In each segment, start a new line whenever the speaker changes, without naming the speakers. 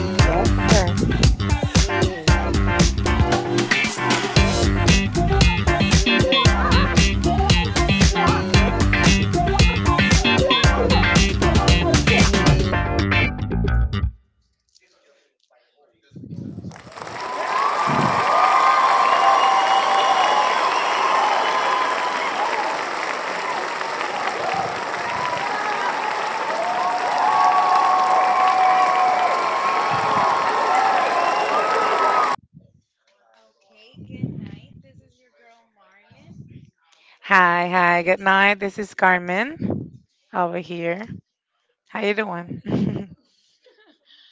Yes, sir.
Okay, good night. This is your girl Marlon.
Hi, hi. Good night. This is Carmen over here. How you
Um,
doing?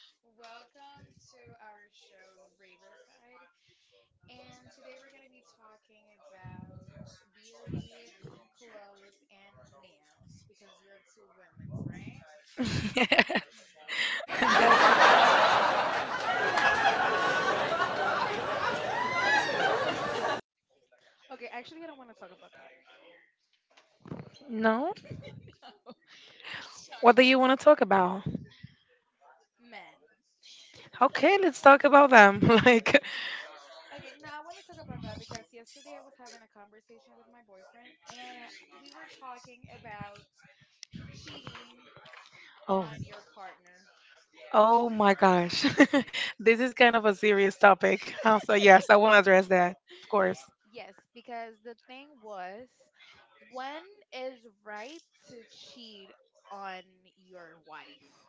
welcome to our show Riverside. And today we're going to be talking about beauty, clothes, and nails because we're two women's, right?
that
Okay, actually, I don't want to talk about that.
No?
Let's talk
What do
about
you want to talk about?
men.
Okay, let's talk about them. like,
Okay, no, I want to talk about that because yesterday I was having a conversation with my boyfriend and we were talking about cheating
oh,
on your partner.
oh my gosh, this is kind of a serious topic. So yes, I want to address that, of course.
Yes, because the thing was, when is right to cheat on your wife?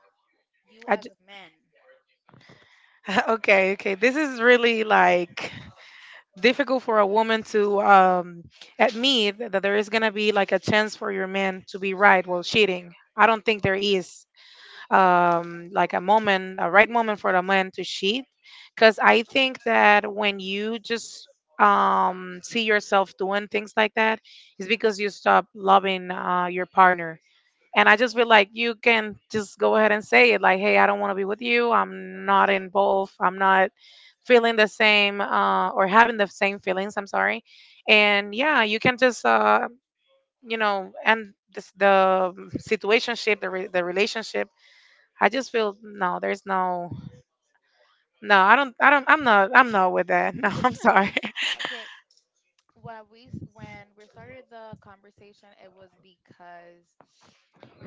You
I
as
j-
a man.
okay, okay. This is really like difficult for a woman to admit that there is going to be like a chance for your man to be right while cheating. I don't think there is like a moment, a right moment for a man to cheat. Because I think that when you just see yourself doing things like that, it's because you stop loving your partner, and I just feel like you can just go ahead and say it like, hey, I don't want to be with you. I'm not involved. I'm not feeling the same or having the same feelings. I'm sorry. And yeah, you can just, end this, the situationship, the relationship. I just feel no, there's no, no, I'm not with that. No, I'm sorry.
Okay, when we started the conversation, it was because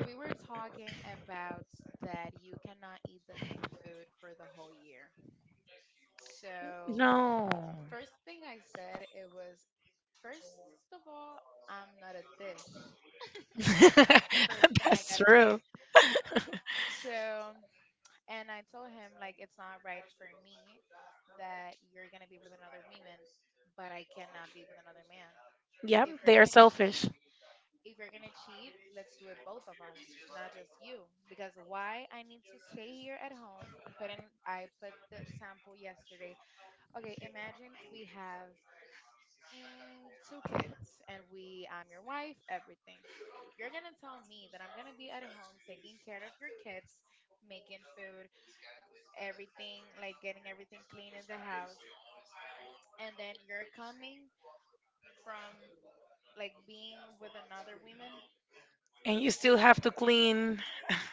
we were talking about that you cannot eat the same food for the whole year. So,
No.
first thing I said it was first of all, I'm not a dish. That's the first thing I
That's
gotta say.
true.
So, and I told him like it's not right for me that you're gonna be with another woman, but I cannot be with another man.
Yep,
If you're
they are
gonna cheat,
selfish.
if you're gonna cheat, let's do it both of us, not just you. Because why I need to stay here at home. Put in, I put the example yesterday. Okay, imagine we have two kids and we I'm your wife everything you're gonna tell me that I'm gonna be at home taking care of your kids making food everything like getting everything clean in the house and then you're coming from like being with another woman
And you still have to clean,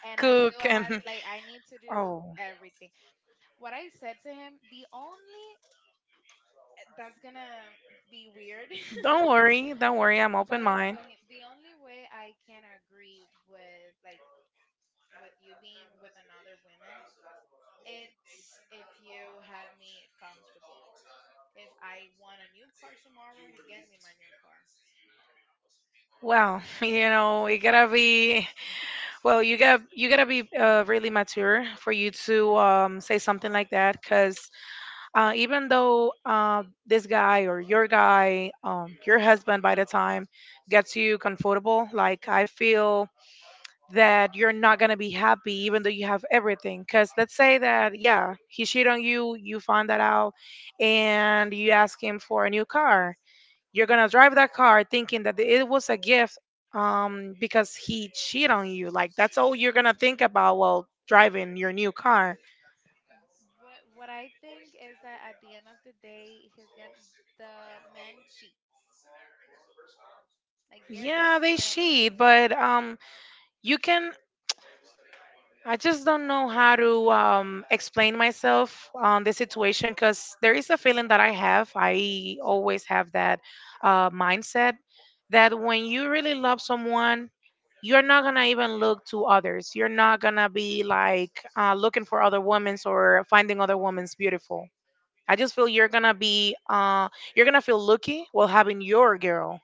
and I still
cook,
have
and
like I need to do
oh,
everything. What I said to him, the only that's gonna be weird,
don't worry, I'm
but
open
I
mind.
told him the only way I can agree with like with you being with another woman, it's if you have me comfortable. If I want a new car tomorrow, you get me my new car.
Well, you gotta be well. You gotta be really mature for you to say something like that. Cause even though this guy or your guy, your husband, by the time gets you comfortable, like I feel that you're not gonna be happy even though you have everything. Cause let's say that yeah, he cheated on you, you find that out, and you ask him for a new car. You're gonna drive that car thinking that it was a gift because he cheated on you. Like that's all you're gonna
Y-
think about while driving your new car.
But what I think is that at the end of the day, he's gonna the man cheats. Like they're gonna
Yeah,
do
they
it anyway.
cheat, but you can I just don't know how to explain myself on this situation because there is a feeling that I have. I always have that mindset that when you really love someone, you're not gonna even look to others. You're not gonna be like looking for other women's or finding other women's beautiful. I just feel you're gonna be you're gonna feel lucky while having your girl.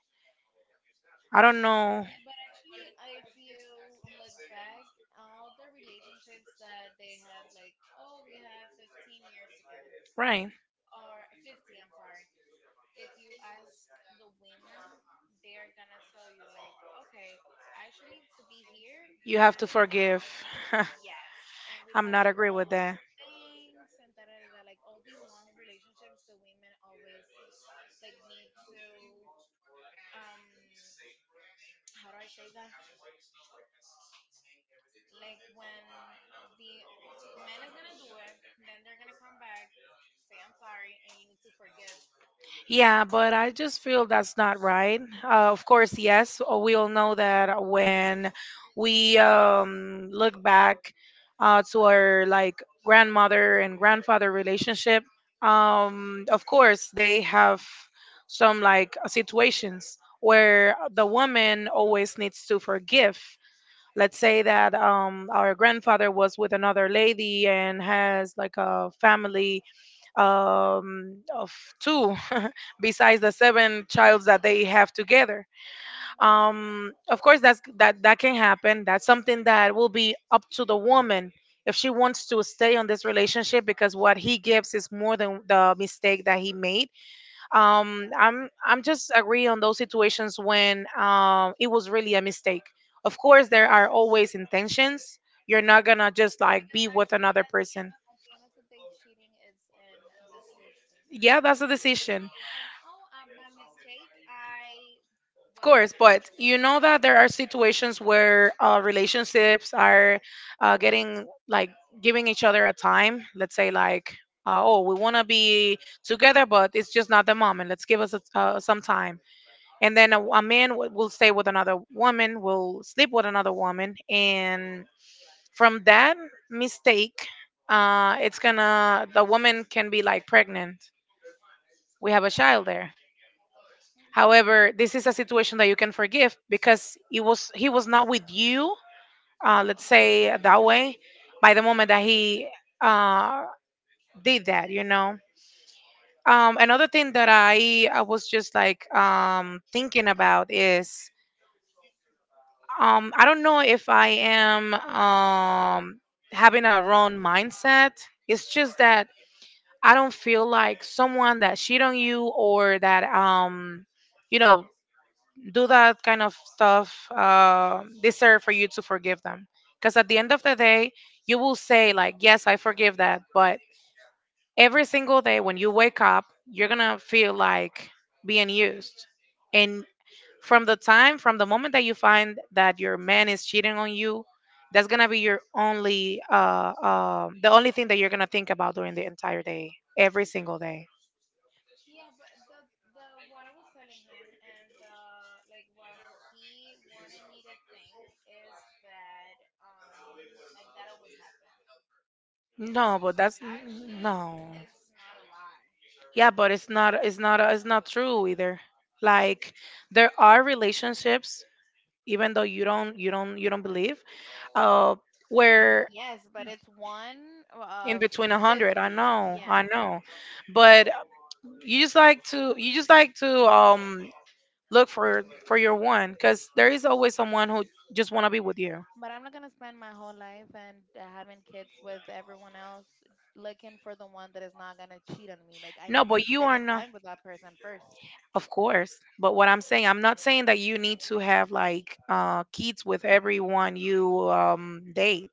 I don't know,
Yeah, but really, if you look back, all the relationships that they have, like, oh, we have 15 years together,
right?
or 50, I'm sorry. If you ask the women they are gonna tell you like okay actually to be here we
You have to
passed
forgive.
yes and we
I'm
passed
not
through
agree
all
with that.
things and da da da da like all the long relationships the women always like need to um how do I say that like when the man is gonna do it then they're gonna come back say I'm sorry and you need to forgive.
Yeah, but I just feel that's not right. Of course, yes, we all know that when we look back to our like grandmother and grandfather relationship, of course they have some like situations where the woman always needs to forgive. Let's say that our grandfather was with another lady and has like a family of two, besides the seven childs that they have together.
Mhm.
Of course that's that can happen. That's something that will be up to the woman if she wants to stay on this relationship, because what he gives is more than the mistake that he made. I'm just agree on those situations when it was really a mistake. Of course there are always intentions. You're not gonna just like be with another person.
At the end of the day, cheating is an decision.
Yeah, that's a
Like
decision.
it's like, oh, by mistake, I
Of
was with
course,
an.
but you know that there are situations where relationships are getting like giving each other a time. Let's say like, oh, we want to be together, but it's just not the moment. Let's give us a, some time. And then a man will stay with another woman, will sleep with another woman, and from that mistake, it's gonna the woman can be like pregnant. We have a child there.
Mhm.
However, this is a situation that you can forgive because it was he was not with you, let's say that way, by the moment that he uh, did
Mm, The,
that, you know. Another thing that I was just like thinking about is I don't know if I am having a wrong mindset. It's just that I don't feel like someone that shit on you or that you know do that kind of stuff deserve for you to forgive them, because at the end of the day you will say like yes, I forgive that, but every single day when you wake up you're gonna feel like being used. And from the moment that you find that your man is cheating on you, that's gonna be your only the only thing that you're gonna think about during the entire day, every single day.
yeah, but the what I was telling him and the like what he wanted me to think is that like that always happened.
No, but that's
Actually,
no.
is not a lie.
Yeah, but it's not it's not true either. Like there are relationships, even though you don't you don't believe, uh, where
Yes, but it's one
in
of
between a hundred.
50.
I
Yeah.
know, but you just like to look for your one, because there is always someone who just want to be with you.
But I'm not gonna spend my whole life and having kids with everyone else looking for the one that is not gonna cheat on me. Like I
No,
need to
but you
spend
are
a
not.
time with that person first.
Of course, but what I'm saying, I'm not saying that you need to have like kids with everyone you date.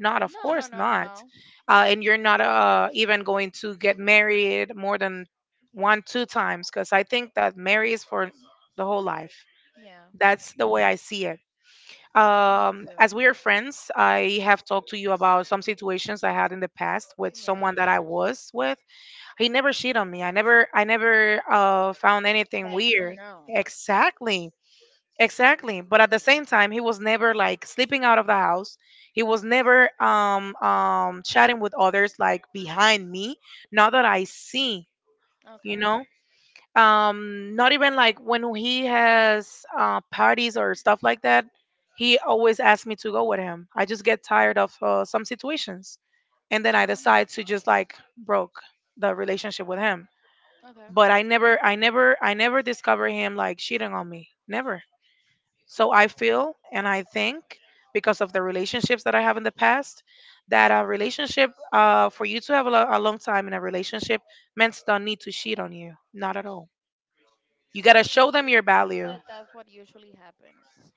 Not, of
No, no,
course
no, no,
not.
no.
And you're not even going to get married more than one, two times, because I think that marriage is for the whole life.
Yeah.
That's the way I see it.
Me
As
too.
we are friends, I have talked to you about some situations I had in the past with
Yeah.
someone that I was with. He never cheated on me. I never found anything
That you
weird.
know.
Exactly. Exactly. But at the same time, he was never like sleeping out of the house. He was never chatting with others like behind me. Now that I see, you
Okay.
know, not even like when he has parties or stuff like that, he always asks me to go with him. I just get tired of some situations, and then I
Hmm.
decide to just like broke the relationship with him.
Okay.
But I never discover him like cheating on me. Never. So I feel and I think, because of the relationships that I have in the past, that a relationship, for you to have a, a long time in a relationship, men don't need to cheat on you. Not at all. You gotta show them your value.
But that's what usually happens.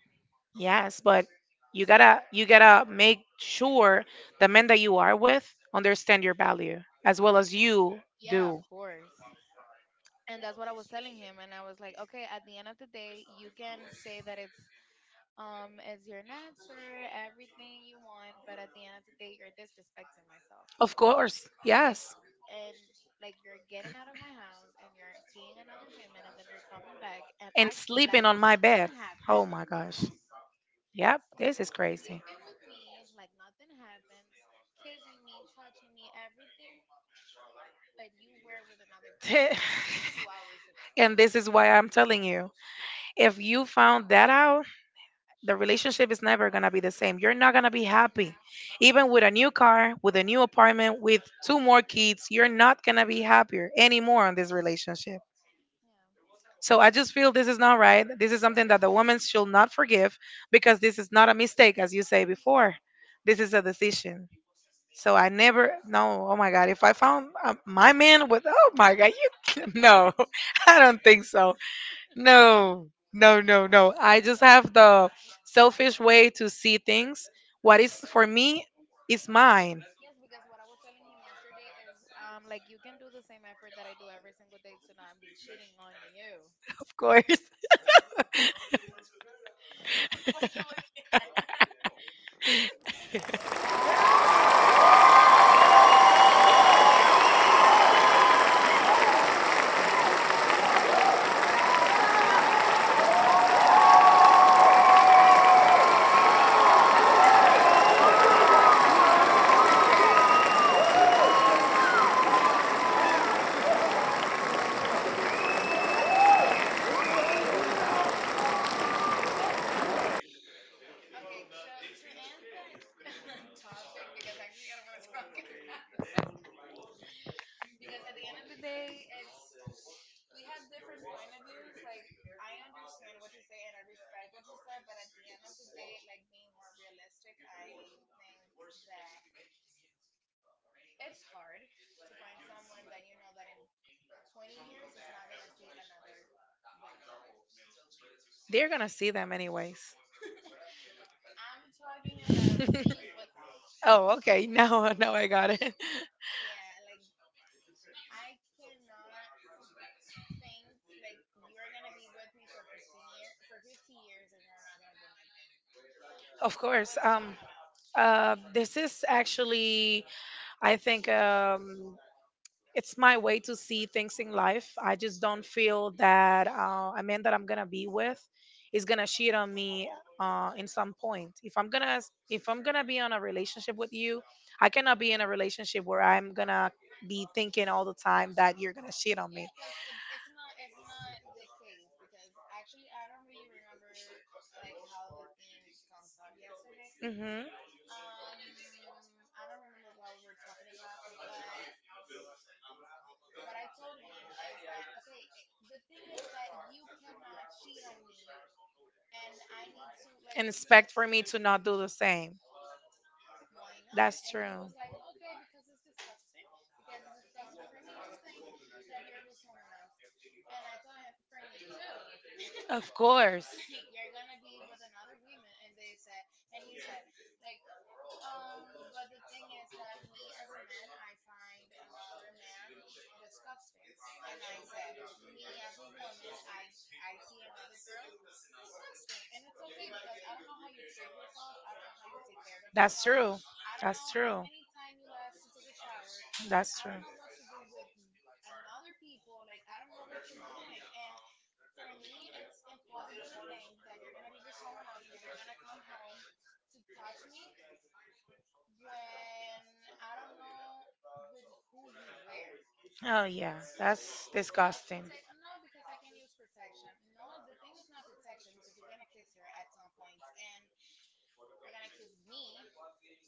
Yes, but you gotta make sure the men that you are with understand your value as well as you
Yeah, of
do.
course. And that's what I was telling him. And I was like, okay, at the end of the day, you can say that it's as your answer, everything you want, but at the end of the day you're disrespecting myself.
Of course,
Like
yes.
and like you're getting out of my house and you're seeing another woman and then they're coming back and
And
acting
sleeping
like
on my bed.
nothing happened
Oh my gosh. Yep, this is crazy.
sleeping with me like nothing happens, kissing me, touching me, everything, but you were with another girl. Mm-hmm.
And this is why I'm telling you, if you found that out, the relationship is never going to be the same. You're not going to be
Yeah.
happy. Even with a new car, with a new apartment, with two more kids, you're not going to be happier anymore in this relationship. So I just feel this is not right. This is something that the woman should not forgive because this is not a mistake, as you say before. This is a decision. So I never, no, oh my God, if I found my man with, oh my God, you, no, I don't think so. No, no, no, no. I just have the selfish way to see things. What is for me is mine,
Yes, because what I was telling him yesterday is like you can do the same effort that I do every single day to not be cheating on you.
of course.
Okay, so to end that topic, because actually I don't want to talk about that, because at the end of the day, it's we have different point of views. Like I understand what you say and I respect what you said, but at the end of the day, like being more realistic, I think that it's hard to find someone that you know that in 20 years is not gonna see another woman.
They're gonna see them anyways.
I'm talking about being with them.
oh, okay. Now, now I got it.
Yeah, like I cannot think like you're gonna be with me for 15 year for 50 years and you're not gonna do nothing.
Of course.
With
This is actually, I think. It's my way to see things in life. I just don't feel that a man that I'm gonna be with is gonna cheat on me in some point. If I'm gonna be on a relationship with you, I cannot be in a relationship where I'm gonna be thinking all the time that you're gonna cheat on me.
yeah, because it's not the case because actually I don't really remember like how the theme comes up yesterday.
Hmm.
Um, I don't remember what we were talking about, but what I told him is that okay, it, the thing is that you cannot cheat on me and I need to like
And expect
just
for me to not do the same.
why not?
That's
And he
true.
was like, okay, because it's disgusting for me to think that you're with someone else. And I told him, for me too.
Of course.
Like, you're gonna be with another woman. And he said, like, but the thing is that me as a man, I find another man disgusting. And I said, me as a woman, I see another girl disgusting. And it's okay because I don't know how you treat yourself. I don't know how you take care of
That's
yourself.
true.
I don't
That's
know how
true.
many time you last to take a shower.
That's
I
true.
don't know what you do with another people. Like I don't know what you're doing. And for me, it's impossible to think that you're gonna be with someone else and then they're gonna come home to touch me when I don't know with who you wear,
Oh yeah, that's
how she
disgusting.
say "Oh, no because I can use protection." No, the thing is not protection because you're gonna kiss her at some point and you're gonna kiss me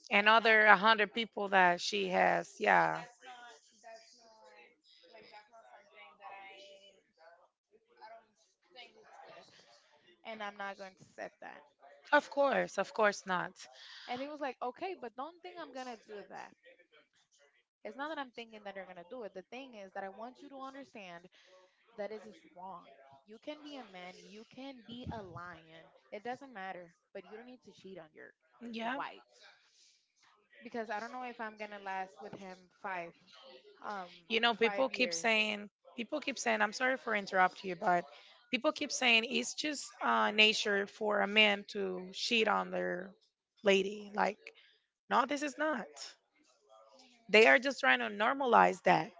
And
and I,
other a hundred people that she has,
so
yeah.
that's not like that's not something that I don't think it's good and I'm not going to accept that.
Of course not.
And he was like, okay, but don't think I'm gonna do that. It's not that I'm thinking that they're going to do it. The thing is that I want you to understand that it is wrong. You can be a man, you can be a lion. It doesn't matter, but you don't need to cheat on your
Yeah.
wife because I don't know if I'm going to last with him 5 um
You know,
5 years.
people keep saying, I'm sorry for interrupt you, but people keep saying it's just nature for a man to cheat on their lady. Like, no, this is not.
Mhm.
They are just trying to normalize that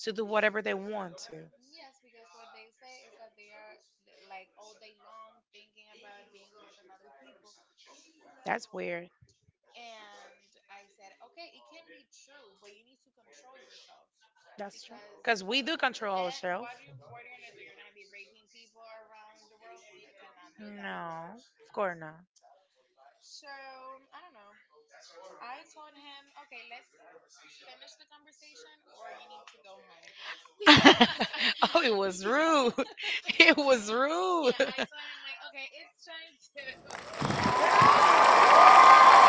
to do whatever they want to.
Yes, because what they say is that they are like all day long thinking about being with another people.
That's weird.
And I said, okay, it can be true, but you need to control yourself
That's true.
because
Because we do control our
then
shelf.
what do you, what are you gonna do? You're gonna be raping people around the world? You cannot do that.
No, of course not.
So I don't know. I told him, okay, let's finish the conversation or you need to go home.
oh,
Because
it was rude. It was rude.
yeah, I told him like, okay, it's time to call an Uber for you.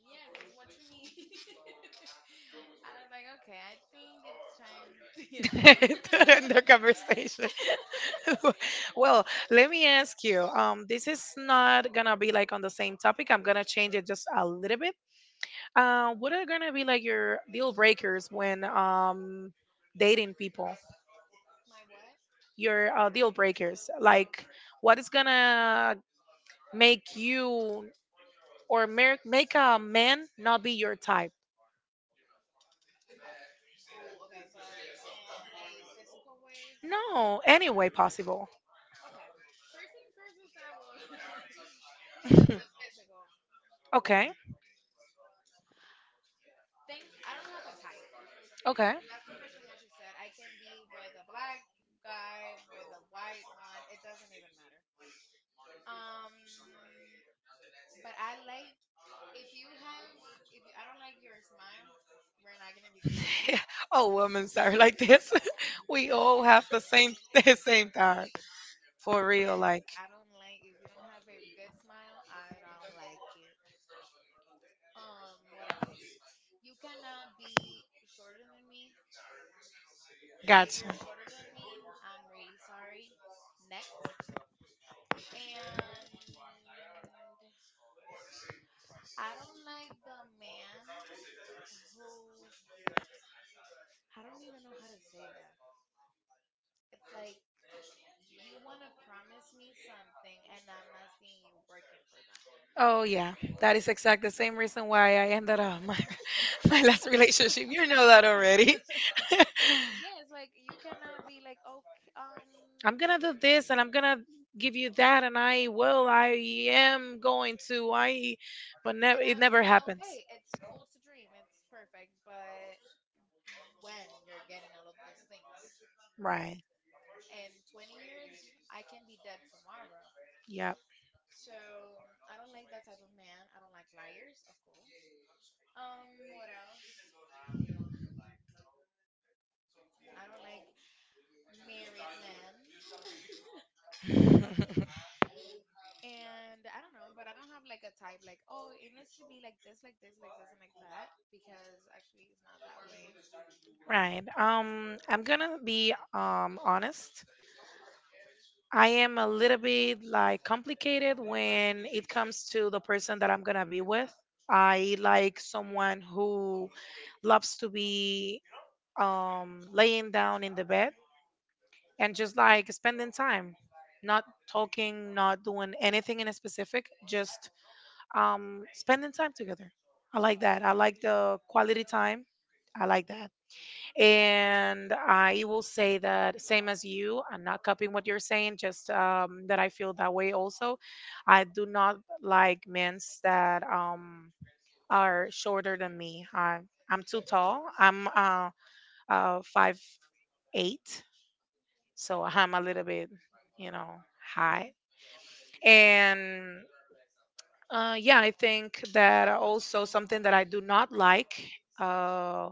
Yeah, because what you mean? I was like, okay, I think it's time to go.
the conversation. Well, let me ask you. This is not gonna be like on the same topic. I'm gonna change it just a little bit. What are gonna be like your deal breakers when dating people?
My what?
Your deal breakers, like what is gonna make you or make a man not be your type?
Oh, okay, but in a physical way.
No, any way possible.
Okay, first thing first is I will with the physical
Okay,
things. I don't have a type.
okay.
That's the first thing I should said. I can be with a black guy, with a white one. It doesn't even matter. Um, but I like if you have if you, I don't like your smile, we're not gonna be together.
All women are like this. We all have the same the same time, for real,
Yes,
like.
I don't like if you don't have a good smile, I don't like it. What else? You cannot be shorter than me. If
Gotcha.
you're shorter than me, I'm really sorry. Next. And I don't like the man who I don't even know how to say that. It's like you want to promise me something and I'm not seeing you working for that.
Oh yeah, that is exactly the same reason why I ended up my, my last relationship, you know that already.
Yes, like you cannot be like okay,
I'm gonna do this, and I'm gonna give you that, and I am going to I, but never,
and I,
it
it's
never
like
happens.
okay, it's cool to dream, it's perfect, but when you're getting all of those things
Right.
in 20 years, I can be dead tomorrow.
Yep.
So I don't like that type of man. I don't like liars, of course. What else? I don't like married men. And I don't know, but I don't have like a type like, oh, it needs to be like this, like this, like this, and like that because actually it's not that way.
Right. I'm gonna be honest. I am a little bit like complicated when it comes to the person that I'm gonna be with. I like someone who loves to be laying down in the bed and just like spending time, not talking, not doing anything in a specific, just spending time together. I like that, I like the quality time, I like that. And I will say that, same as you, I'm not copying what you're saying, just that I feel that way also. I do not like men that are shorter than me. I'm too tall. I'm 5'8", so I'm a little bit, you know,
Okay.
high. And yeah, I think that also something that I do not like uh,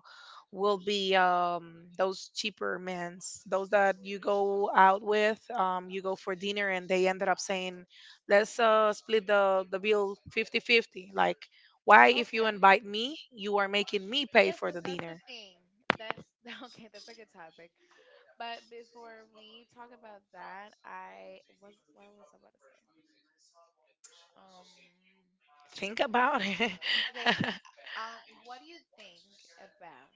will be those cheaper men's, those that you go out with, you go for dinner, and they ended up saying, let's split the bill 50-50. Like, why, if you
Okay.
invite me, you are making me pay
Yes,
for
because
the
that's the
dinner?
thing. That's okay. That's a good topic. But before we talk about that, I was what I was about to say. Um.
Think about it.
Okay. Um, what do you think about?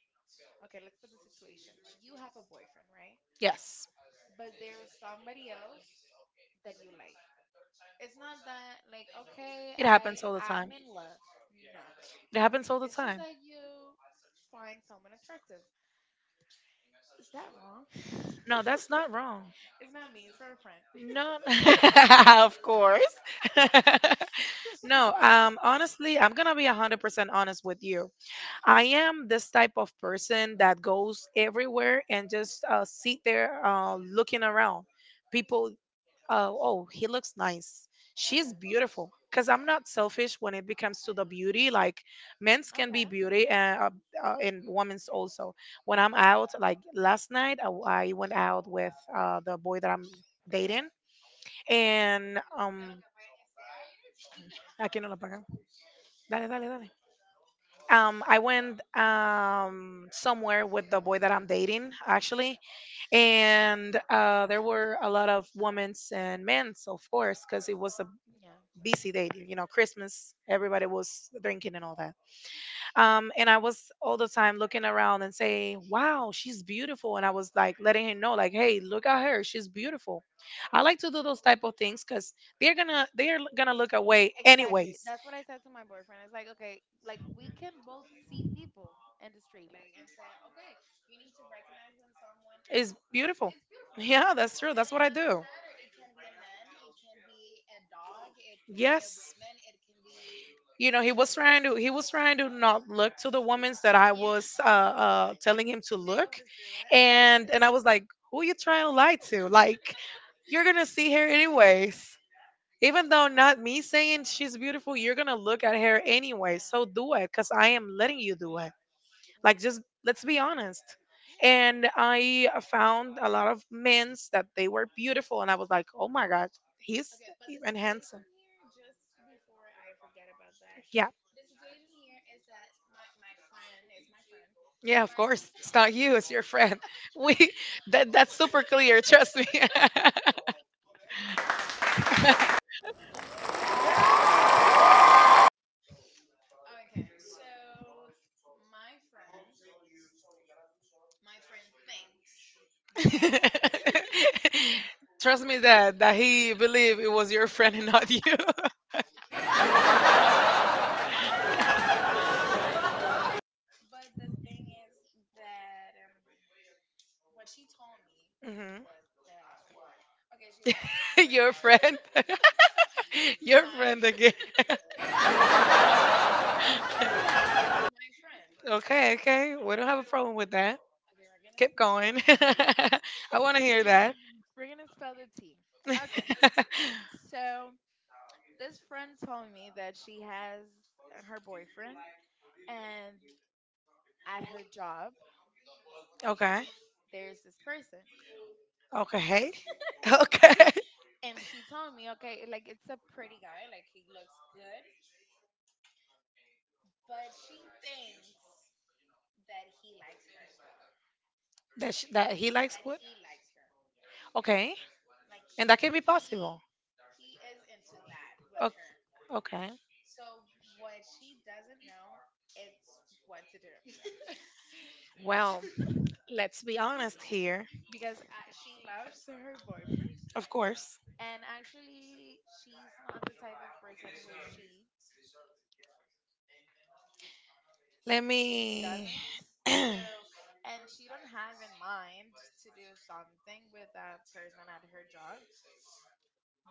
Okay. Let's put the situation. You have a boyfriend, right?
Yes,
But there's somebody else that you like. It's not that like okay,
it
I
happens all the
am
time.
in love. No,
It happens all the
it's just
time.
that you find someone attractive. Is that wrong?
No, that's not wrong.
It's not me. It's for a friend.
No, of course. No, honestly, I'm gonna be 100% honest with you. I am this type of person that goes everywhere and just sit there looking around. People. Oh, oh, he looks nice. She's
Okay.
beautiful. Cause I'm not selfish when it becomes to the beauty. Like men's can
Okay.
be beauty, and women's also. When I'm out, like last night, I went out with the boy that I'm dating, and aquí no la pagan. Dale, dale, dale. I went somewhere with the boy that I'm dating, actually, and there were a lot of women's and men's, of course, because it was a
Yeah.
busy day. You know, Christmas, everybody was drinking and all that. And I was all the time looking around and saying, "Wow, she's beautiful." And I was like letting him know, like, "Hey, look at her. She's beautiful." I like to do those type of things because they're gonna look away
Exactly.
anyways.
That's what I said to my boyfriend. It's like, okay, like we can both see people in the street, like, and say, okay, you need to recognize when someone is
It's beautiful.
it's beautiful.
Yeah, that's true.
And
That's what
it
I
doesn't
do.
matter. It can be a man, it can be a dog, it can be a
Yes.
woman, it can be
You know, he was
whatever you
trying
want.
to he was trying to not look to the women that I
Yeah,
was telling him to
they
look.
always do that.
And I was like, who you trying to lie to? Like, you're gonna see her anyways.
Yeah,
Even though not me saying she's beautiful, you're gonna look at her anyway,
yeah,
so do it, because I am letting you do it. Like,
yeah.
just let's be honest.
Yeah.
And I found a lot of men's that they were beautiful, and I was like, oh my god, he's
Okay, but the
and handsome.
situation here, just before I forget about that,
Yeah.
the situation here is that my friend is my friend.
Yeah, of
My
course. It's not you, it's your friend. We, that's super clear, trust me.
okay, so my friend, my friend thinks that,
Trust me, that he believed it was your friend and not you.
but the thing is that what she told me
Mhm.
was that okay, she had her boy,
Your friend. Your friend
my
again.
yes, it's my friend.
Okay, okay. We don't have a problem with that.
Okay, we're gonna
Keep
spell the
going.
T.
I want to hear that.
We're gonna spell the T. Okay, so this friend told me that she has her boyfriend, and at her job
Okay.
there's this person.
Okay. Okay.
And she told me, okay, like it's a pretty guy, like he looks good, but she thinks that he likes her as well,
That that he likes
that
what?
he likes her,
Okay.
like
And that can
she
be
he
possible.
he is into that with
O-
her.
Okay.
So what she doesn't know, it's what to do.
Well, let's be honest here.
Because she loves her boyfriend,
Of course.
and actually she's not the type of person who cheats.
Let
She
me.
doesn't so, and she don't have in mind to do something with that person at her job,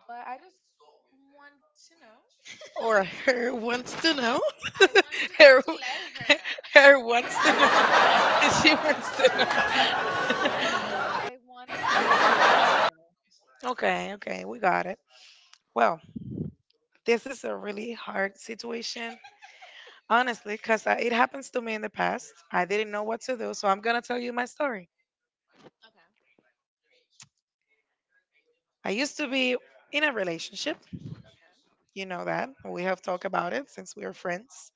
but I just want to know.
Or her wants to know.
I want to know
Her,
to let her know.
her wants to know. She wants to know.
Yes, I want to know to let her know.
Okay, okay, we got it. Well, this is a really hard situation, honestly, because it happens to me in the past. I didn't know what to do, so I'm going to tell you my story.
Okay,
I used to be in a relationship.
okay.
You know that. We have talked about it since we are friends.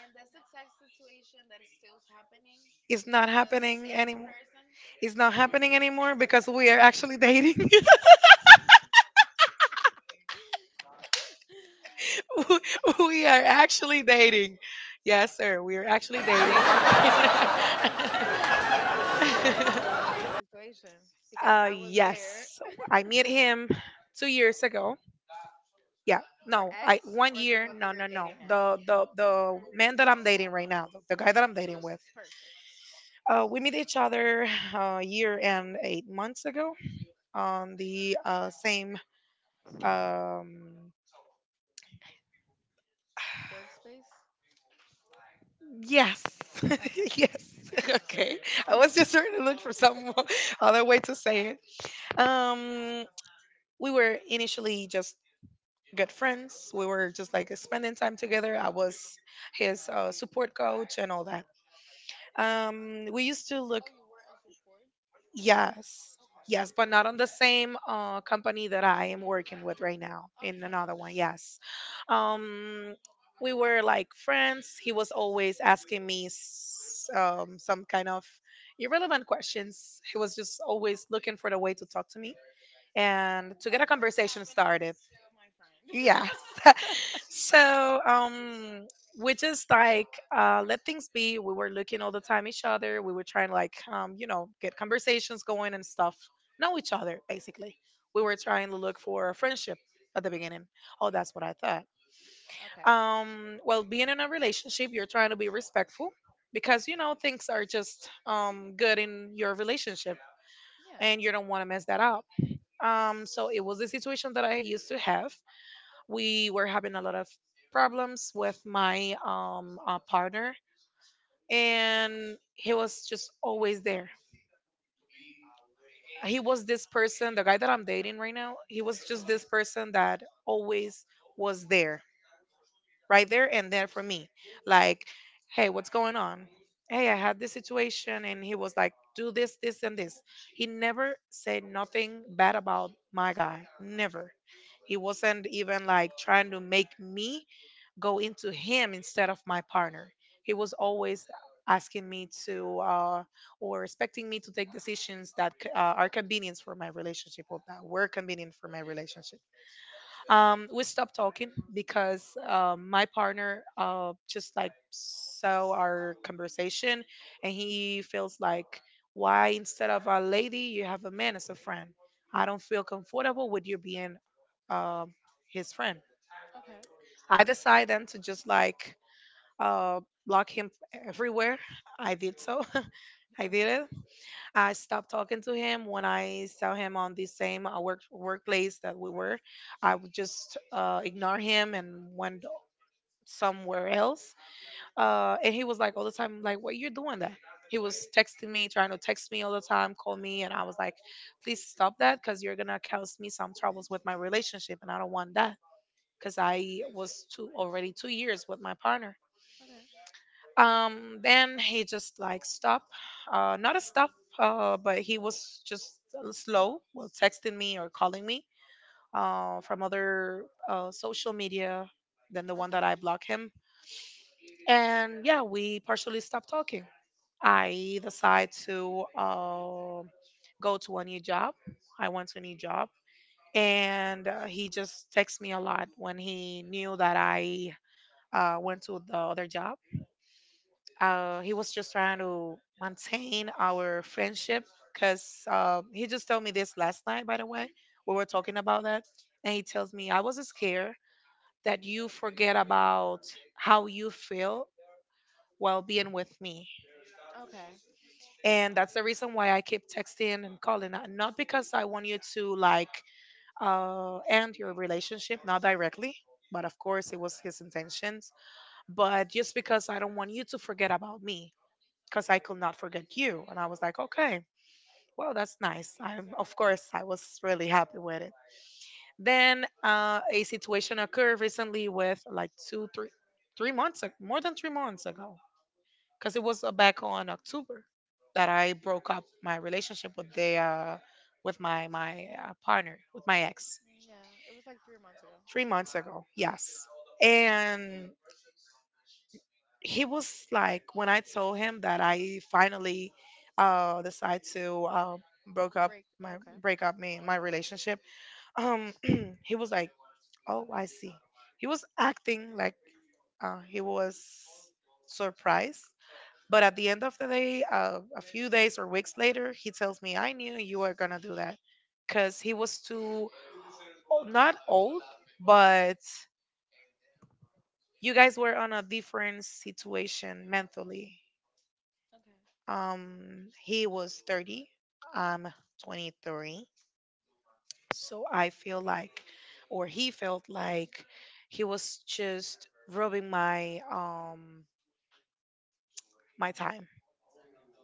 And that's the exact situation that is still happening
It's not
with the
happening
same
anymore.
person.
It's not happening anymore because we are actually dating. we we are actually dating. Yes, sir. We are actually dating.
Yeah, but I know kind of about that situation because I was there.
Yes. I met him 2 years ago. Yeah.
Your
No,
ex
I one
or the
year.
one that
No,
you're
no, no.
dating now?
The man that I'm dating right now, the guy that
Okay.
I'm dating with.
Perfect.
We met each other a year and 8 months ago, on the same. Um,
Workspace.
yes,
Okay.
yes. Okay, I was just trying to look for some other way to say it. Um, we were initially just good friends. We were just like spending time together. I was his support coach and all that. We used to look.
Oh, you were a support?
Yes.
Okay.
Yes, but not on the same company that I am working with right now. In
Okay.
another one, yes. Um, we were like friends. He was always asking me some kind of irrelevant questions. He was just always looking for the way to talk to me and to get a
That's what is
conversation
happening
started.
to my friend.
Yes. So we just like let things be. We were looking all the time each other. We were trying to like, you know, get conversations going and stuff. Know each other basically. We were trying to look for a friendship at the beginning. Oh, that's what I thought.
Okay.
Well, being in a relationship, you're trying to be respectful because you know things are just good in your relationship
Yeah.
and you don't want to mess that up. So it was the situation that I used to have. We were having a lot of problems with my partner, and he was just always there. He was this person, the guy that I'm dating right now, he was just this person that always was there, right there and there for me. Like, hey, what's going on, hey, I had this situation, and he was like, do this, this, and this. He never said nothing bad about my guy, never. He wasn't even like trying to make me go into him instead of my partner. He was always asking me to or expecting me to take decisions that are convenient for my relationship or that were convenient for my relationship. We stopped talking because my partner just like saw our conversation, and he feels like, why instead of a lady, you have a man as a friend? I don't feel comfortable with you being um, his friend.
Okay.
I decide then to just like block him everywhere. I did so. I did
Okay.
it. I stopped talking to him when I saw him on the same workplace that we were. I would just ignore him and went somewhere else. And he was like all the time, like, "What you doing that?" He was texting me, trying to text me all the time, call me, and I was like, "Please stop that, because you're gonna cause me some troubles with my relationship, and I don't want that." Because I was two already 2 years with my partner.
Okay.
Then he just like stopped. Not a stop But he was just slow, well, texting me or calling me from other social media than the one that
Okay.
I block him. And yeah, we partially stopped talking. I decide to go to a new job. I went to a new job, and he just texts me a lot when he knew that I went to the other job. He was just trying to maintain our friendship because he just told me this last night, by the way. We were talking about that. And he tells me, I was scared that you forget about how you feel while being with me.
Okay.
And that's the reason why I keep texting and calling. Not because I want you to like end your relationship, not directly. But of course, it was his intentions. But just because I don't want you to forget about me, because I could not forget you. And I was like, okay, well, that's nice. I'm, of course, I was really happy with it. Then a situation occurred recently with like 3 months, more than 3 months ago, because it was back on October that I broke up my relationship with the, with my my partner, with my ex,
Yeah. It was like 3 months ago.
3 months ago. Yes, and he was like when I told him that I finally decided to broke up
Break.
my
Okay.
break up me my relationship um he was like, oh, I see. He was acting like he was surprised, but at the end of the day, a few days or weeks later he tells me, I knew you were gonna do that, because he was too not old, but you guys were on a different situation mentally.
Okay.
He was 30. I'm 23. So I feel like, or he felt like, he was just robbing my my time.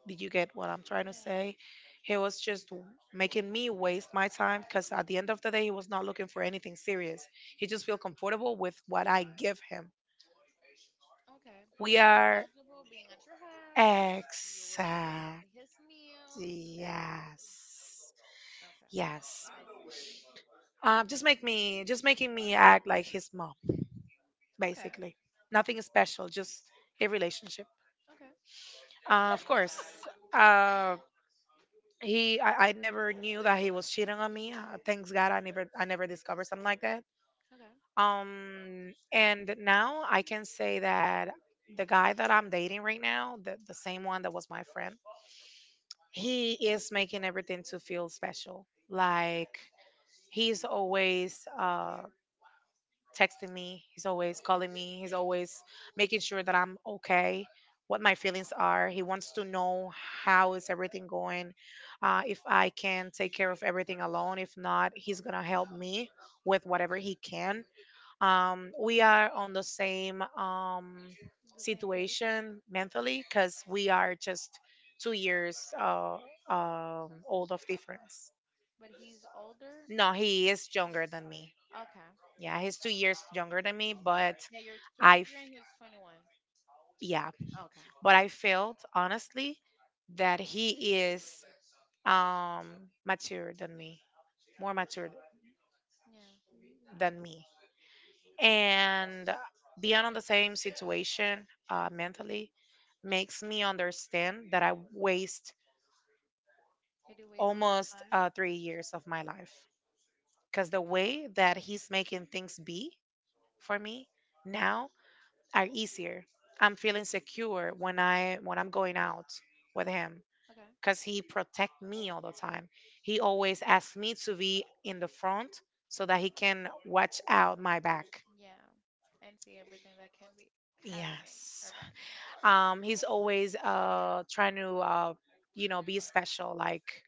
Did you get what I'm trying to
Yeah.
say? He was just making me waste my time because at the end of the day, he was not looking for anything serious. He just feel comfortable with what I give him.
Okay. He
We
was feeling
are
comfortable being at your house. You were doing
exact.
his meals, everything.
Yes. Yes.
Okay. I see.
Just make me, just making me act like his mom,
Okay.
basically. Nothing special, just a relationship.
Okay.
Of course, uh, he. I never knew that he was cheating on me. Thanks God, I never discovered something like that.
Okay.
And now I can say that the guy that I'm dating right now, the same one that was my friend, he is making everything to feel special. Like he's always texting me. He's always calling me. He's always making sure that I'm okay, what my feelings are. He wants to know how is everything going, if I can take care of everything alone. If not, he's gonna help me with whatever he can. We are on the same
The same page.
situation mentally because we are just 2 years old of difference.
But he's older.
No, he is younger than me.
Okay.
Yeah, he's 2 years younger than me, but
Yeah, you're
I, f-
23 and he's 21.
yeah,
Okay.
but I felt honestly that he is um mature than me, more mature
Yeah.
than me, and being on the same situation mentally makes me understand that I waste
And you wasted your
almost
time.
3 years of my life because the way that he's making things be for me now are easier. I'm feeling secure when I when I'm going out with him
Okay.
because he protect me all the time. He always asks me to be in the front so that he can watch out my back.
Yeah. And see everything that can be happening
Yes.
around you.
He's always trying to be special like,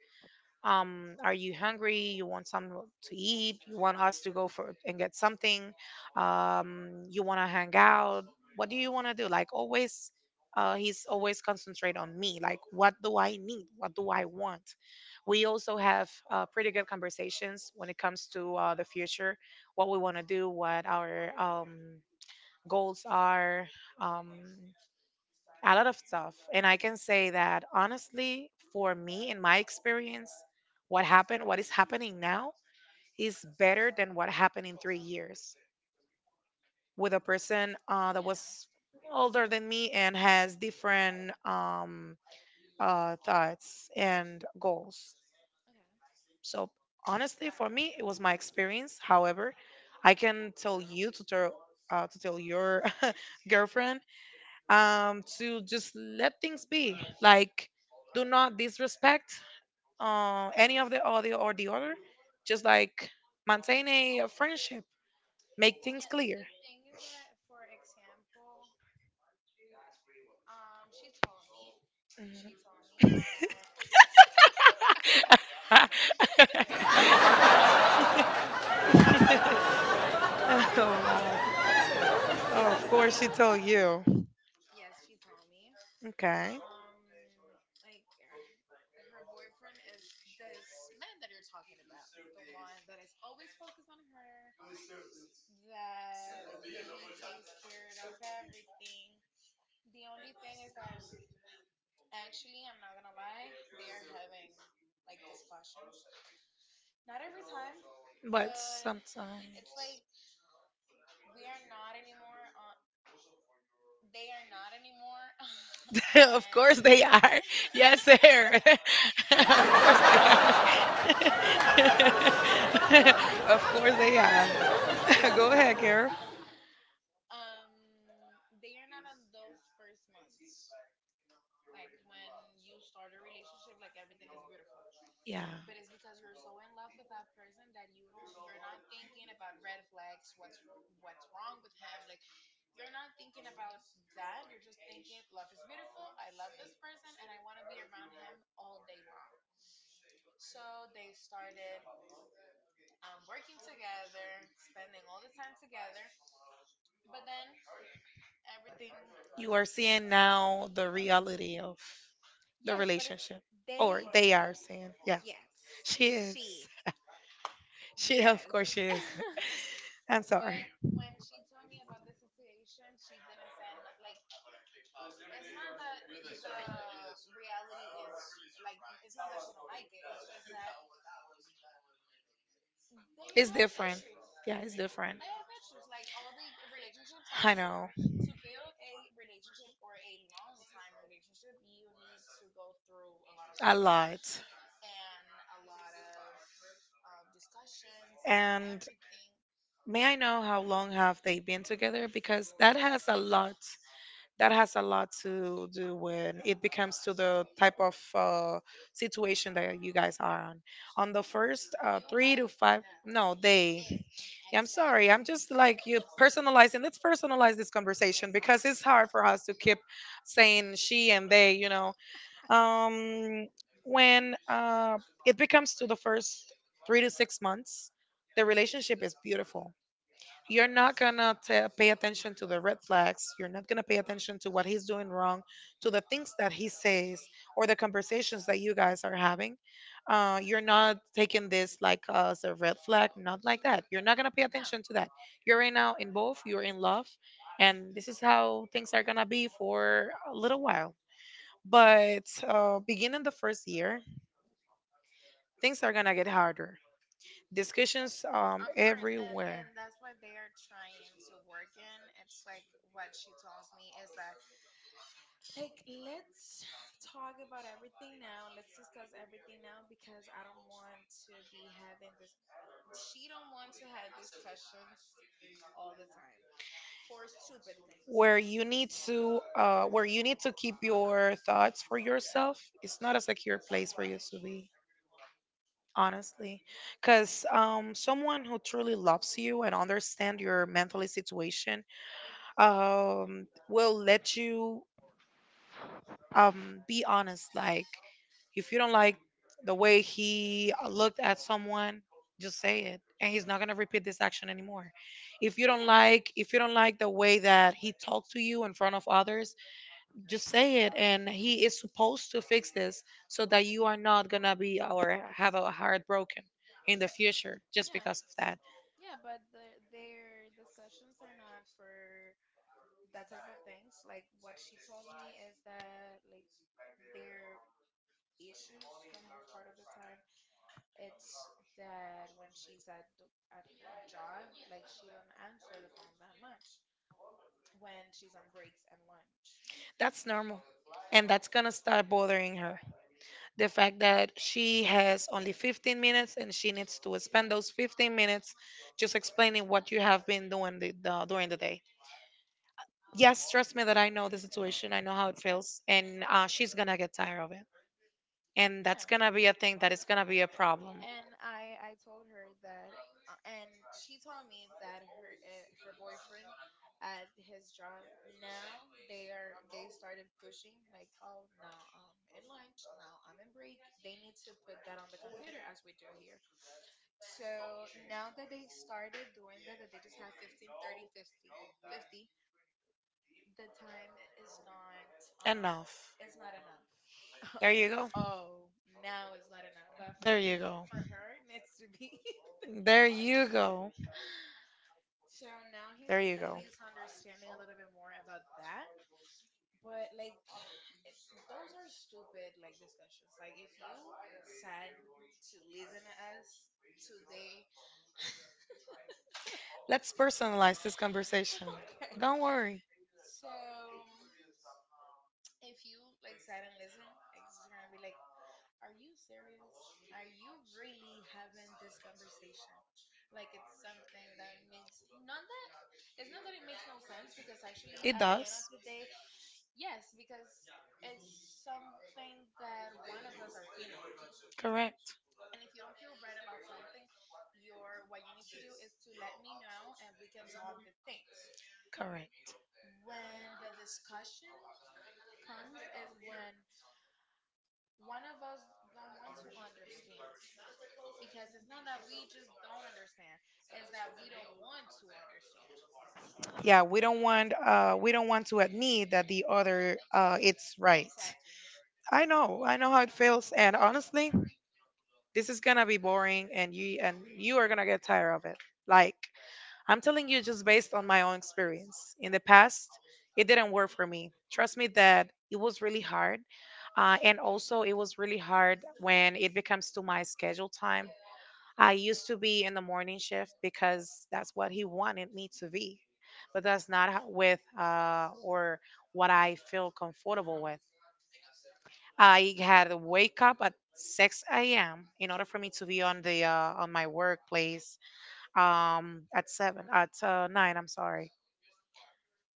are you hungry, you want something to eat, you want us to go for and get something, you want to hang out, what do you want to do, like always, he's always concentrate on me, like what do I need, what do I want. We also have pretty good conversations when it comes to the future, what we want to do, what our goals are, um a lot of stuff. And I can say that honestly, for me, in my experience, what happened, what is happening now, is better than what happened in 3 years with a person that
Yeah.
was older than me and has different thoughts and goals.
Okay.
So, honestly, for me, it was my experience. However, I can tell you to tell your girlfriend, to just let things be. Like, do not disrespect any of the other or the other. Just like maintain a friendship, make things
Yeah,
clear.
the thing is that, for example, um, she told me,
Mhm.
she told me that, yes, because she told me,
Oh wow! Oh, of course she told you.
yes, she told me,
Okay,
um, like her boyfriend is this man that you're talking about, the one that is always focused on her, that he takes care of everything. The only thing is that, actually, I'm not gonna lie, they are having like discussions. Not every time,
but
but
sometimes,
it's like we are not anymore on. They are not anymore
of
on.
course they are. Yes, sir. of course they are. of course they are. Go ahead, Carol.
Um, they are not on those first months. Like when you start a relationship, like everything is beautiful.
Yeah,
But it's because you're so in love with that person that you're not thinking about red flags, what's wrong with him, like you're not thinking about that. You're just thinking love is beautiful, I love this person and I want to be around him all day long. So they started, working together, spending all the time together, but then everything.
you are seeing now the reality of the
Yes, but it's
relationship, or
they.
they are seeing. Yeah,
Yes,
she is.
she.
She, of
Yes,
course, she is. I'm sorry.
but when she told me about the situation, she didn't send like it's not that the reality is like it's not that she don't like it. It's just that they
It's
have
different.
issues.
Yeah, it's different.
They have issues. Like all the relationships, like
I
to
know
to build a relationship or a long time relationship, you need to go through a lot of
a
things
lot.
and a lot of discussions and
And
everything.
may I know how long have they been together? Because that has a lot, that has a lot to do when it becomes to the type of situation that you guys are on the first
You
three to
guys
five
know
no they
this
Yeah, I'm sorry, I'm
exactly.
just like you personalizing, let's
Exactly.
personalize this conversation because it's hard for us to keep saying she and they, you know. Um, when uh, it becomes to the first 3 to 6 months, the relationship is beautiful. You're not gonna ta pay attention to the red flags. You're not gonna pay attention to what he's doing wrong, to the things that he says, or the conversations that you guys are having. You're not taking this like as a red flag, not like that. You're not gonna pay
No,
attention to that. You're right now in both. You're in love, and this is how things are gonna be for a little while. But beginning the first year, things are gonna get harder, discussions
of course, and
everywhere.
that's what they are trying to work in. It's like what she tells me is that like, let's talk about everything now. Let's discuss everything now because I don't want to be having this. She don't want to have discussions all the time for stupid things.
Where you need to keep your thoughts for yourself, it's not a secure place for you to be, honestly. Cause someone who truly loves you and understand your mentally situation will let you be honest. Like, if you don't like the way he looked at someone, just say it, and he's not going to repeat this action anymore.
Yeah,
If you don't like the way that he talked to you in front of others, just say it, and he is supposed to fix this so that you are not going to be or have a heart broken in the future just
yeah,
because of that.
yeah. But the, their discussions are not for that type of things. Like what she told me is that like their issues the most part of the time, it's that when she's at her job, like she don't answer the phone that much when she's on breaks and lunch.
That's normal, and that's going to start bothering her, the fact that she has only 15 minutes and she needs to spend those 15 minutes just explaining what you have been doing during the day. Yes, trust me that I know the situation, I know how it feels, and she's gonna get tired of it. And that's
Yeah.
gonna be a thing that is gonna be a problem.
And I told her that, and she told me that her eh, her boyfriend at his job, now they are they started pushing like, oh, now I'm in lunch, now I'm in break, they need to put that on the computer as we do here. So now that they started doing that, that they just have 15, 30, 50, 50, the time um
Enough.
is not enough.
There you go.
Oh, now it's not enough. But for
There you
me,
go.
for her, it needs to be.
There you go.
So now
There you go.
he's understanding a little bit more about that. But like, it, those are stupid like discussions. Like if you sat to listen to us today,
Let's personalize this conversation.
okay.
Don't worry.
So if you like sat and listen, like it's gonna be like, are you serious? Are you really having this conversation? Like it's something that makes not that it's not that it makes no sense, because actually
It
at the end
does.
of the day, yes, because it's something that one of us are feeling.
Correct.
And if you don't feel right about something, your what you need to do is to let me know and we can talk the things.
Correct.
When the discussion comes is when one of us don't want to understand, because it's not that we just don't understand, it's that we don't want to understand.
Yeah, we don't want we don't want to admit that the other it's right.
Exactly.
I know. I know how it feels, and honestly, this is going to be boring, and you are going to get tired of it. Like, I'm telling you just based on my own experience. In the past, it didn't work for me. Trust me that it was really hard. And also, it was really hard when it becomes to my schedule time. I used to be in the morning shift because that's what he wanted me to be, but that's not how, with or what I feel comfortable with. I had to wake up at 6 a.m. in order for me to be on the on my workplace at seven at nine. I'm sorry.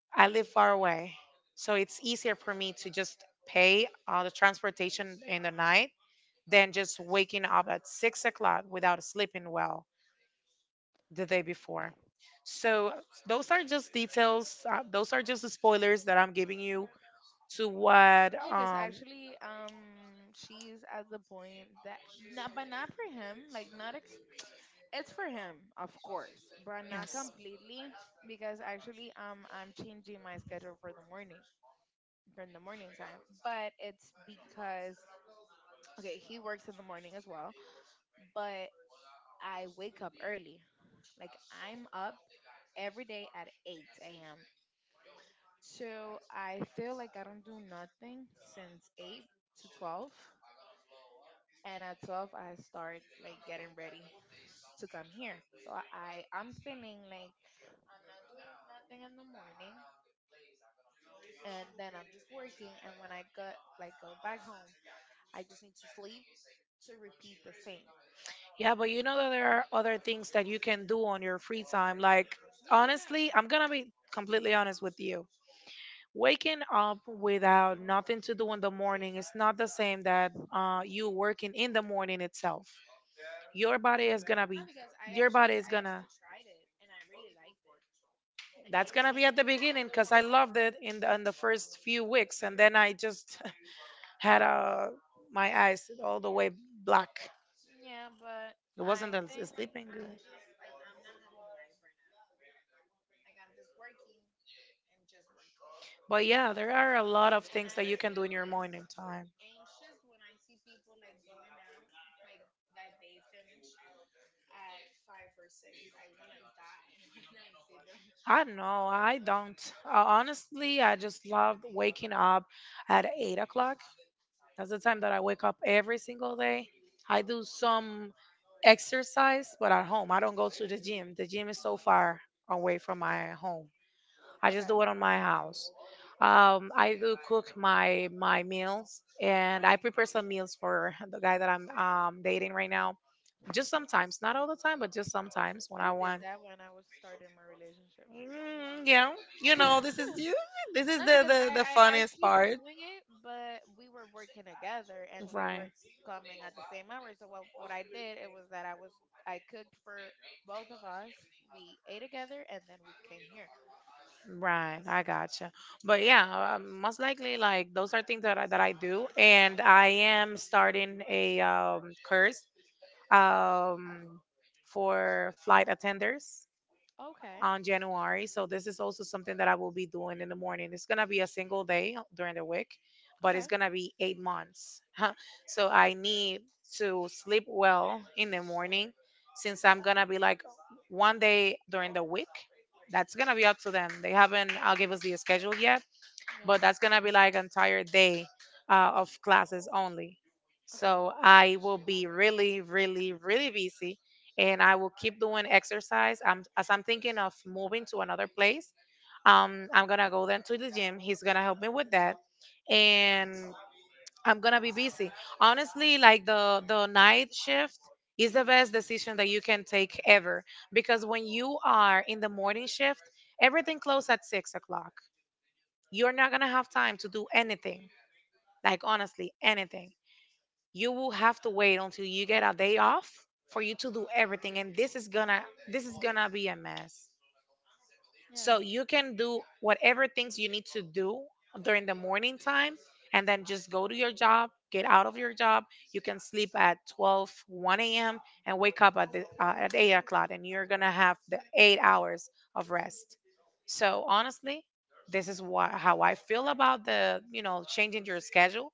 I live
Mm.
far away, so it's easier for me to just pay the transportation in the night than just waking up at 6 o'clock without sleeping well the day before. So those are just details. Those are just the spoilers that I'm giving you to what.
Yeah, because actually, she's at the point that not, but not for him. Like, not it's for him, of course, but not
Yes.
completely. Because actually, I'm changing my schedule for the morning time. But it's because okay, he works in the morning as well, but I wake up early. Like I'm up every day at 8 a.m. So I feel like I don't do nothing since 8 to 12. And at 12, I start like getting ready to come here. So I'm feeling like thing in the morning, and then I'm just working. And when I got like go back home, I just need to sleep to repeat the same.
Yeah, but you know that there are other things that you can do on your free time. Like
Yeah, I know.
honestly, I'm gonna be completely honest with you. Waking up without nothing to do in the morning is not the same that you working in the morning itself. Your body is gonna
No,
be.
because I
Your
actually
body is
I actually
gonna
tried it and I really liked it. Like I
That's gonna be
came
at the
here in
beginning
the
because I
morning.
loved it in in the first few weeks, and then I just had my eyes all the way black.
Yeah, but
It
I
wasn't
think
as
like
sleeping
I'm
good,
just like I'm not having life right now. Like I'm just working.
but yeah, there are a lot of things that
And I
you can do
feel
in your
like
morning time.
anxious when I see people like going out, like that they finish at five or six. I wanna die when I see them
I know
going out.
I don't. Honestly, I just love waking up at 8 o'clock. That's the time that I wake up every single day. I do some exercise, but at home. I don't go to the gym. The gym is so far away from my home. I just
Okay.
do it on my house. I do cook my meals, and I prepare some meals for the guy that I'm dating right now. Just sometimes, not all the time, but just sometimes when
I
I
did
want.
that when I was starting my relationship.
Mm, yeah, you know, this is you. This is
Not because
the
I
funniest
keep
part.
doing it, but we were working together and we were
Right,
coming at the same hour. So what I did it was that I was I cooked for both of us. We ate together and then we came here.
right. I gotcha. But yeah, most likely, like those are things that I do, and I am starting a course um, for flight attenders
Okay.
on January. So this is also something that I will be doing in the morning. It's gonna be a single day during the week, but
Okay.
it's gonna be 8 months. So I need to sleep well in the morning since I'm gonna be like one day during the week. That's gonna be up to them. They haven't give us the schedule yet, but
Yeah.
that's gonna be like entire day of classes only.
Okay.
So I will be really, really, really busy, and I will keep doing exercise. I'm, as I'm thinking of moving to another place, I'm gonna go then to the gym. He's gonna help me with that, and I'm gonna be busy. Honestly, like the night shift is the best decision that you can take ever because when you are in the morning shift, everything closes at 6 o'clock. You're not going to have time to do anything, like honestly, anything. You will have to wait until you get a day off for you to do everything, and this is going to be a mess. So
Yeah.
you can do whatever things you need to do during the morning time and then just go to your job, get out of your job. You can sleep at 12, 1 a.m. and wake up at, at 8 o'clock, and you're going to have the 8 hours of rest. So honestly, how I feel about the changing your schedule,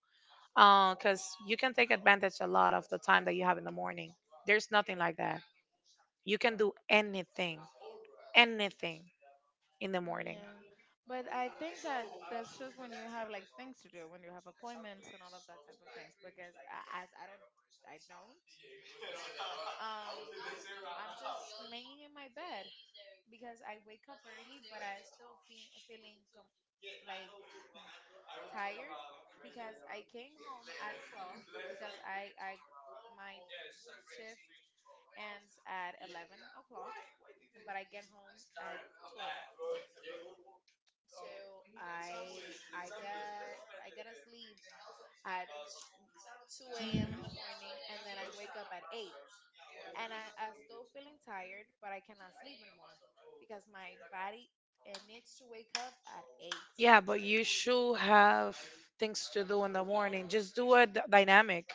because you can take advantage a lot of the time that you have in the morning. There's nothing like that. You can do anything, anything in the morning.
Yeah. But I think that that's just when you have like things to do, when you have appointments and all of that type of things. Because as I don't, I don't. Um. I'm just laying in my bed because I wake up early, but I still feeling like tired because I came home at 12 because I my shift ends at 11 o'clock, but I get home at 12. So I got to sleep at 2
Mhm.
a.m. in the morning, and then I wake up at 8. And I'm still feeling tired, but I cannot sleep anymore because my body it needs to wake up at 8.
Yeah, but you should have things to do in the morning. Just do a dynamic.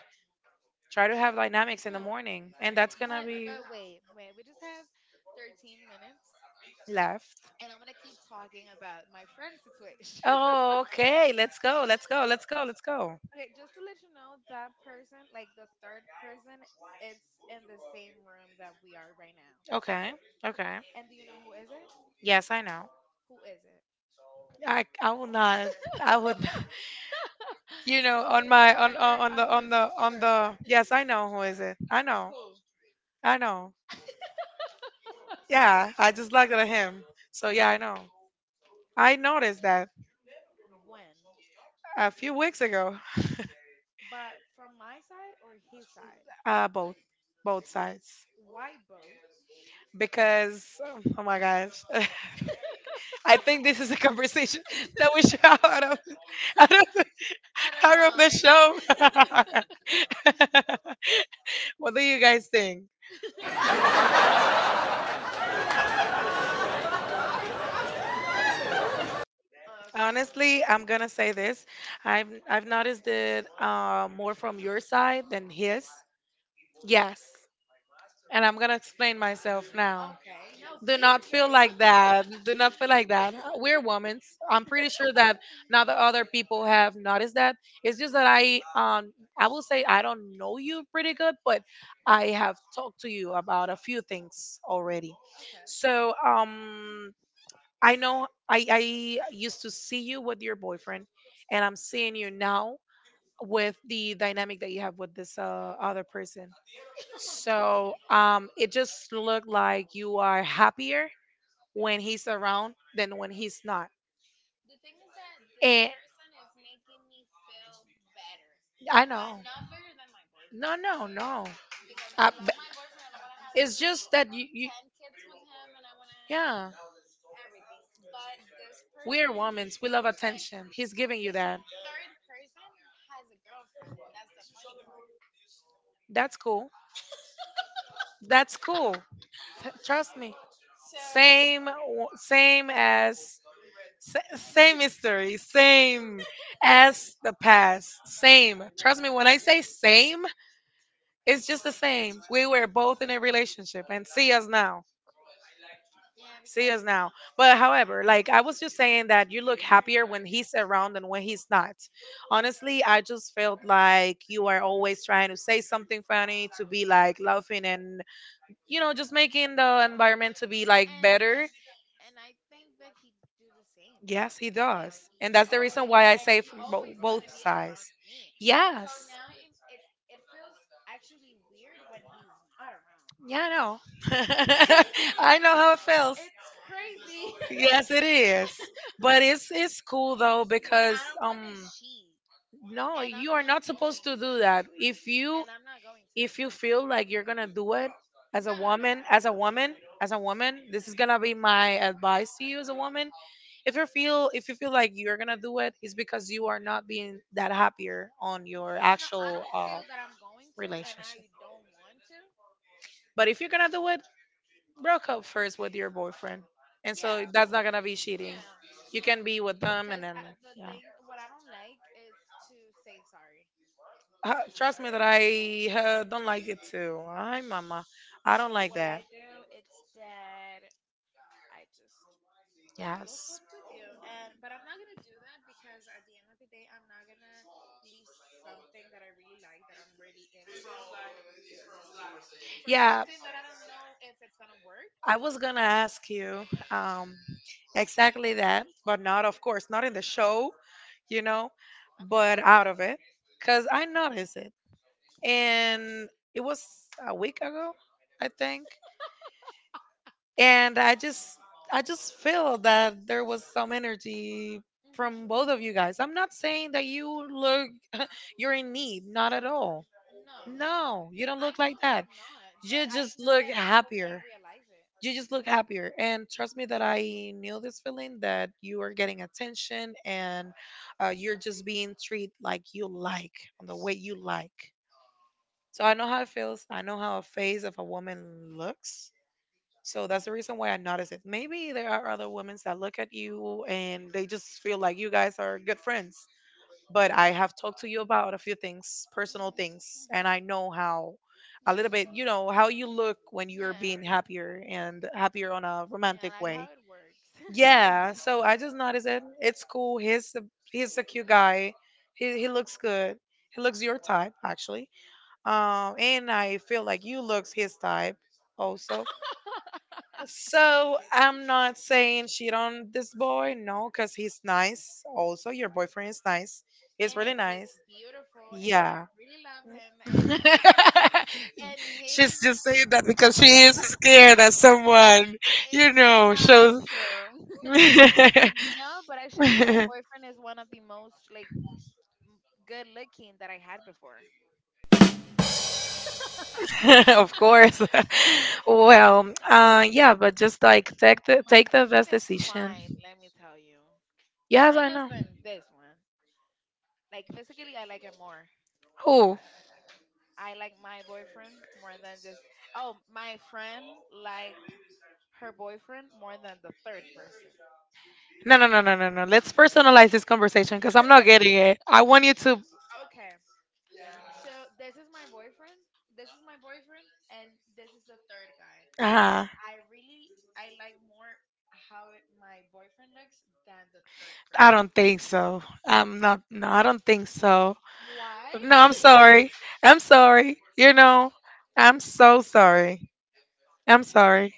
Try to have dynamics in the
Yeah,
morning, and that's gonna
but
be
we just have 13 minutes,
left.
and I'm gonna keep talking about my friend situation.
Oh, okay. Let's go. Let's go. Let's go. Let's go.
Okay, just to let you know, that person, like the third person, it's in the same room that we are right now.
Okay. Okay.
And do you know who is it?
Yes, I know.
Who is it?
I will not. I would. You know,
Tell
on
me the
my
color
on the
of
on
his
the on
shirt.
the. Yes, I know who is it. I know.
Who?
I know. Yeah, I just looked at him. So yeah, I know. I noticed that
When?
a few weeks ago.
But from my side or his side?
Both, both sides.
Why both?
Because, oh my gosh, I think this is a conversation that we should have out of,
Out of
out of the
line.
show. What do you guys think?
Okay.
Honestly, I'm gonna say this. I've noticed it more from your side than his. Yes, and I'm gonna explain myself now.
Okay. No,
Do not feel
do.
like that. Do not feel like that. We're women. I'm pretty sure that now the other people have noticed that. It's just that I I will say I don't know you pretty good, but I have talked to you about a few things already.
Okay.
So um, I know I used to see you with your boyfriend, and I'm seeing you now with the dynamic that you have with this other person. So it just looked like you are happier when he's around than when he's not.
The thing is that
And
person is making me feel better,
I
but
know.
not better than my
No,
boyfriend
no, no.
because
I,
I love
b-
my boyfriend and I want to have
it's
three,
just that you
ten kids with him and I want to.
yeah,
But this
we're
person, this
women. We love attention. He's giving you that.
third person has a girlfriend.
That's cool. That's cool. Trust me. Same, w- same as, same history, same as the past. Same. Trust me, when I say same, it's just the same. We were both in a relationship, and see us now.
Yeah,
See
because
us now. But however, like I was just saying that you look happier when he's around than when he's not. Honestly, I just felt like you are always trying to say something funny to be like laughing, and just making the environment to be
not
like
and
better.
and I think that he do the same.
Yes, he
Like
does.
he's
And that's the reason
always
why I
and
say
he
from
always want to
both
be around
sides.
me. So
Yes.
now it feels actually weird when he's not around.
Yeah, I know. I know how it feels.
It's crazy.
Yes, it is. But it's cool though
But
because
I don't want to
um,
cheat,
no,
and
you
I'm
are
not
not supposed
going
to
to.
do that. If you
And I'm not going to.
if you feel like you're gonna do it, as a
No, no, no,
woman,
no,
as
no,
a
no, no,
woman, as a woman,
no, no.
this is gonna be my advice to you as a woman. If you feel like you're gonna do it, it's because you are not being that happier on your
No, I
actual
don't feel that I'm going to, and I
relationship.
don't want to.
But if you're gonna do it, broke up first with your boyfriend, and so
Yeah.
that's not gonna be cheating.
Yeah,
You
yeah.
can be with them and
Because
then
the
yeah.
thing, what I don't like is to say sorry.
Trust me that I don't like it too. Hi, Mama. I don't
So
like
what I
that.
do it's that I just broke up
Yes.
with you, and but I'm not gonna do that because at the end of the day, I'm not gonna leave something that I really like that I'm really into for
Yeah,
something that I don't know if it's gonna work.
I was gonna ask you um, exactly that, but not, of course, not in the show, you know,
Okay.
but out of it, because I noticed it. And it was a week ago, I think. And I just feel that there was some energy
Mhm.
from both of you
Mhm.
guys. I'm not saying that you're in need, not at all.
No,
No, you don't
I
look
know
like
that
that.
I'm not, but
You
I
just
know
look
that people can
happier.
realize it.
You just look happier. And trust me that I knew this feeling that you are getting attention, and you're just being treated like you like, on the way you like. So I know how it feels. I know how a face of a woman looks. So that's the reason why I notice it. Maybe there are other women that look at you and they just feel like you guys are good friends, but I
Yeah.
have talked to you about a few things, personal
Mhm.
things, and
Mhm.
I know how a
Yeah.
little bit, you know, how you look when you're
Yeah.
being happier and happier on a
Yeah,
romantic
like how
way.
it works.
Yeah, so I just noticed it. It's cool. He's a cute guy. He looks good. He looks your type actually. And I feel like you looks his type also. So I'm not saying shit on this boy, no, because he's nice. Also, your boyfriend is nice.
Yeah,
He's
and
really
he's
nice.
beautiful, and I
Yeah.
really love him. And his
She's just saying that because she is scared that someone
it's
you know, shows.
not true. No, but actually, my boyfriend is one of the most like m- good looking that I had before.
Of course. Well, yeah, but just like take the
My
take the best
boyfriend is
decision.
fine. Let me tell you,
Yes,
fine
I
as
know.
in this one. Like physically, I like him more.
Who?
I like my boyfriend more than just oh, my friend liked her boyfriend more than the third person.
No, no, no, no, no, no. Let's personalize this conversation because I'm not getting it. I want you to.
Okay. So this is my boyfriend. This is my boyfriend, and this is the third guy.
Uh,
I really I like more how it, my boyfriend looks than the third
I
person.
don't think so. I'm not. No, I don't think so.
Why?
No, I'm sorry. I'm sorry. You know, I'm so sorry. I'm sorry.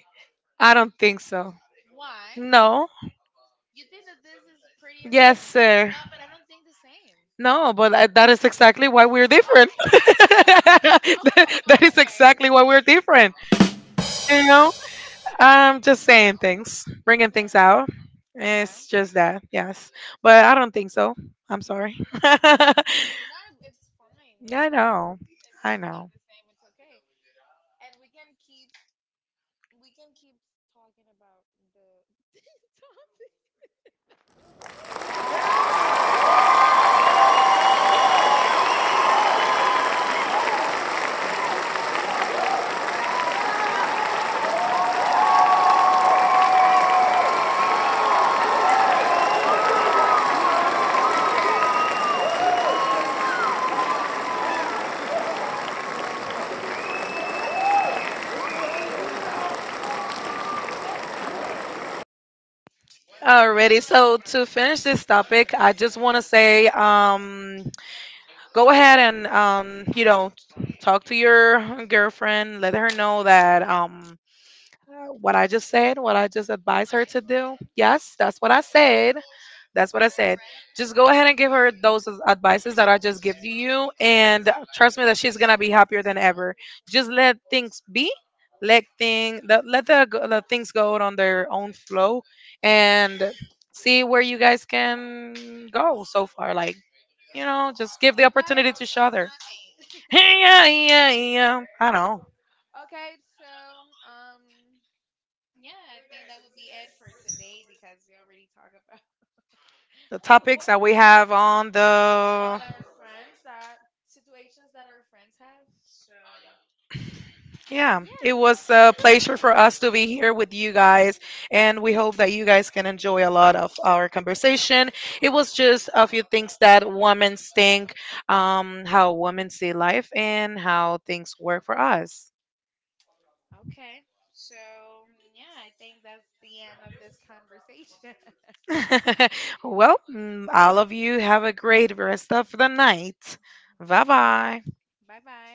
I don't think so.
Why?
No.
You think that this is pretty as I'm?
Yes,
No,
sir.
but I don't think the same.
No, but I, that is exactly why we're different.
Okay.
That is
Okay.
exactly why we're different. You
Okay.
know, I'm just saying things, bringing things
Yeah.
out.
Okay.
It's just that, yes. But I don't think so. I'm sorry.
No, it's fine if
Yeah, I
you don't,
know.
if you
I
don't think
know.
the same, it's okay. And we can keep, we can keep talking about the topic.
Alrighty, so to finish this topic, I just want to say, go ahead and you know, talk to your girlfriend, let her know that what I just said, what I just advised
My
her to do.
plan.
Yes, that's what I said. That's what I said. Just go ahead and give her those advices that I just give to you, and trust me that she's gonna be happier than ever. Just let things be, let the things go on their own flow, and see where you guys can go so far. Like you know, just give the
You guys,
opportunity to each other.
not me.
Yeah, yeah, yeah. I know.
Okay, so yeah, I think that would be it for today because we already talked about
The
a lot
topics that we have on
on
the
our friends that situations that our friends have. So
yeah
yeah.
it was a pleasure for us to be here with you guys and we hope that you guys can enjoy a lot of our conversation. It was just a few things that women think, how women see life and how things work for us.
Okay. So, yeah, I think that's the end of this conversation.
Well, mm, all of you have a great rest of the night. Bye bye.
拜拜。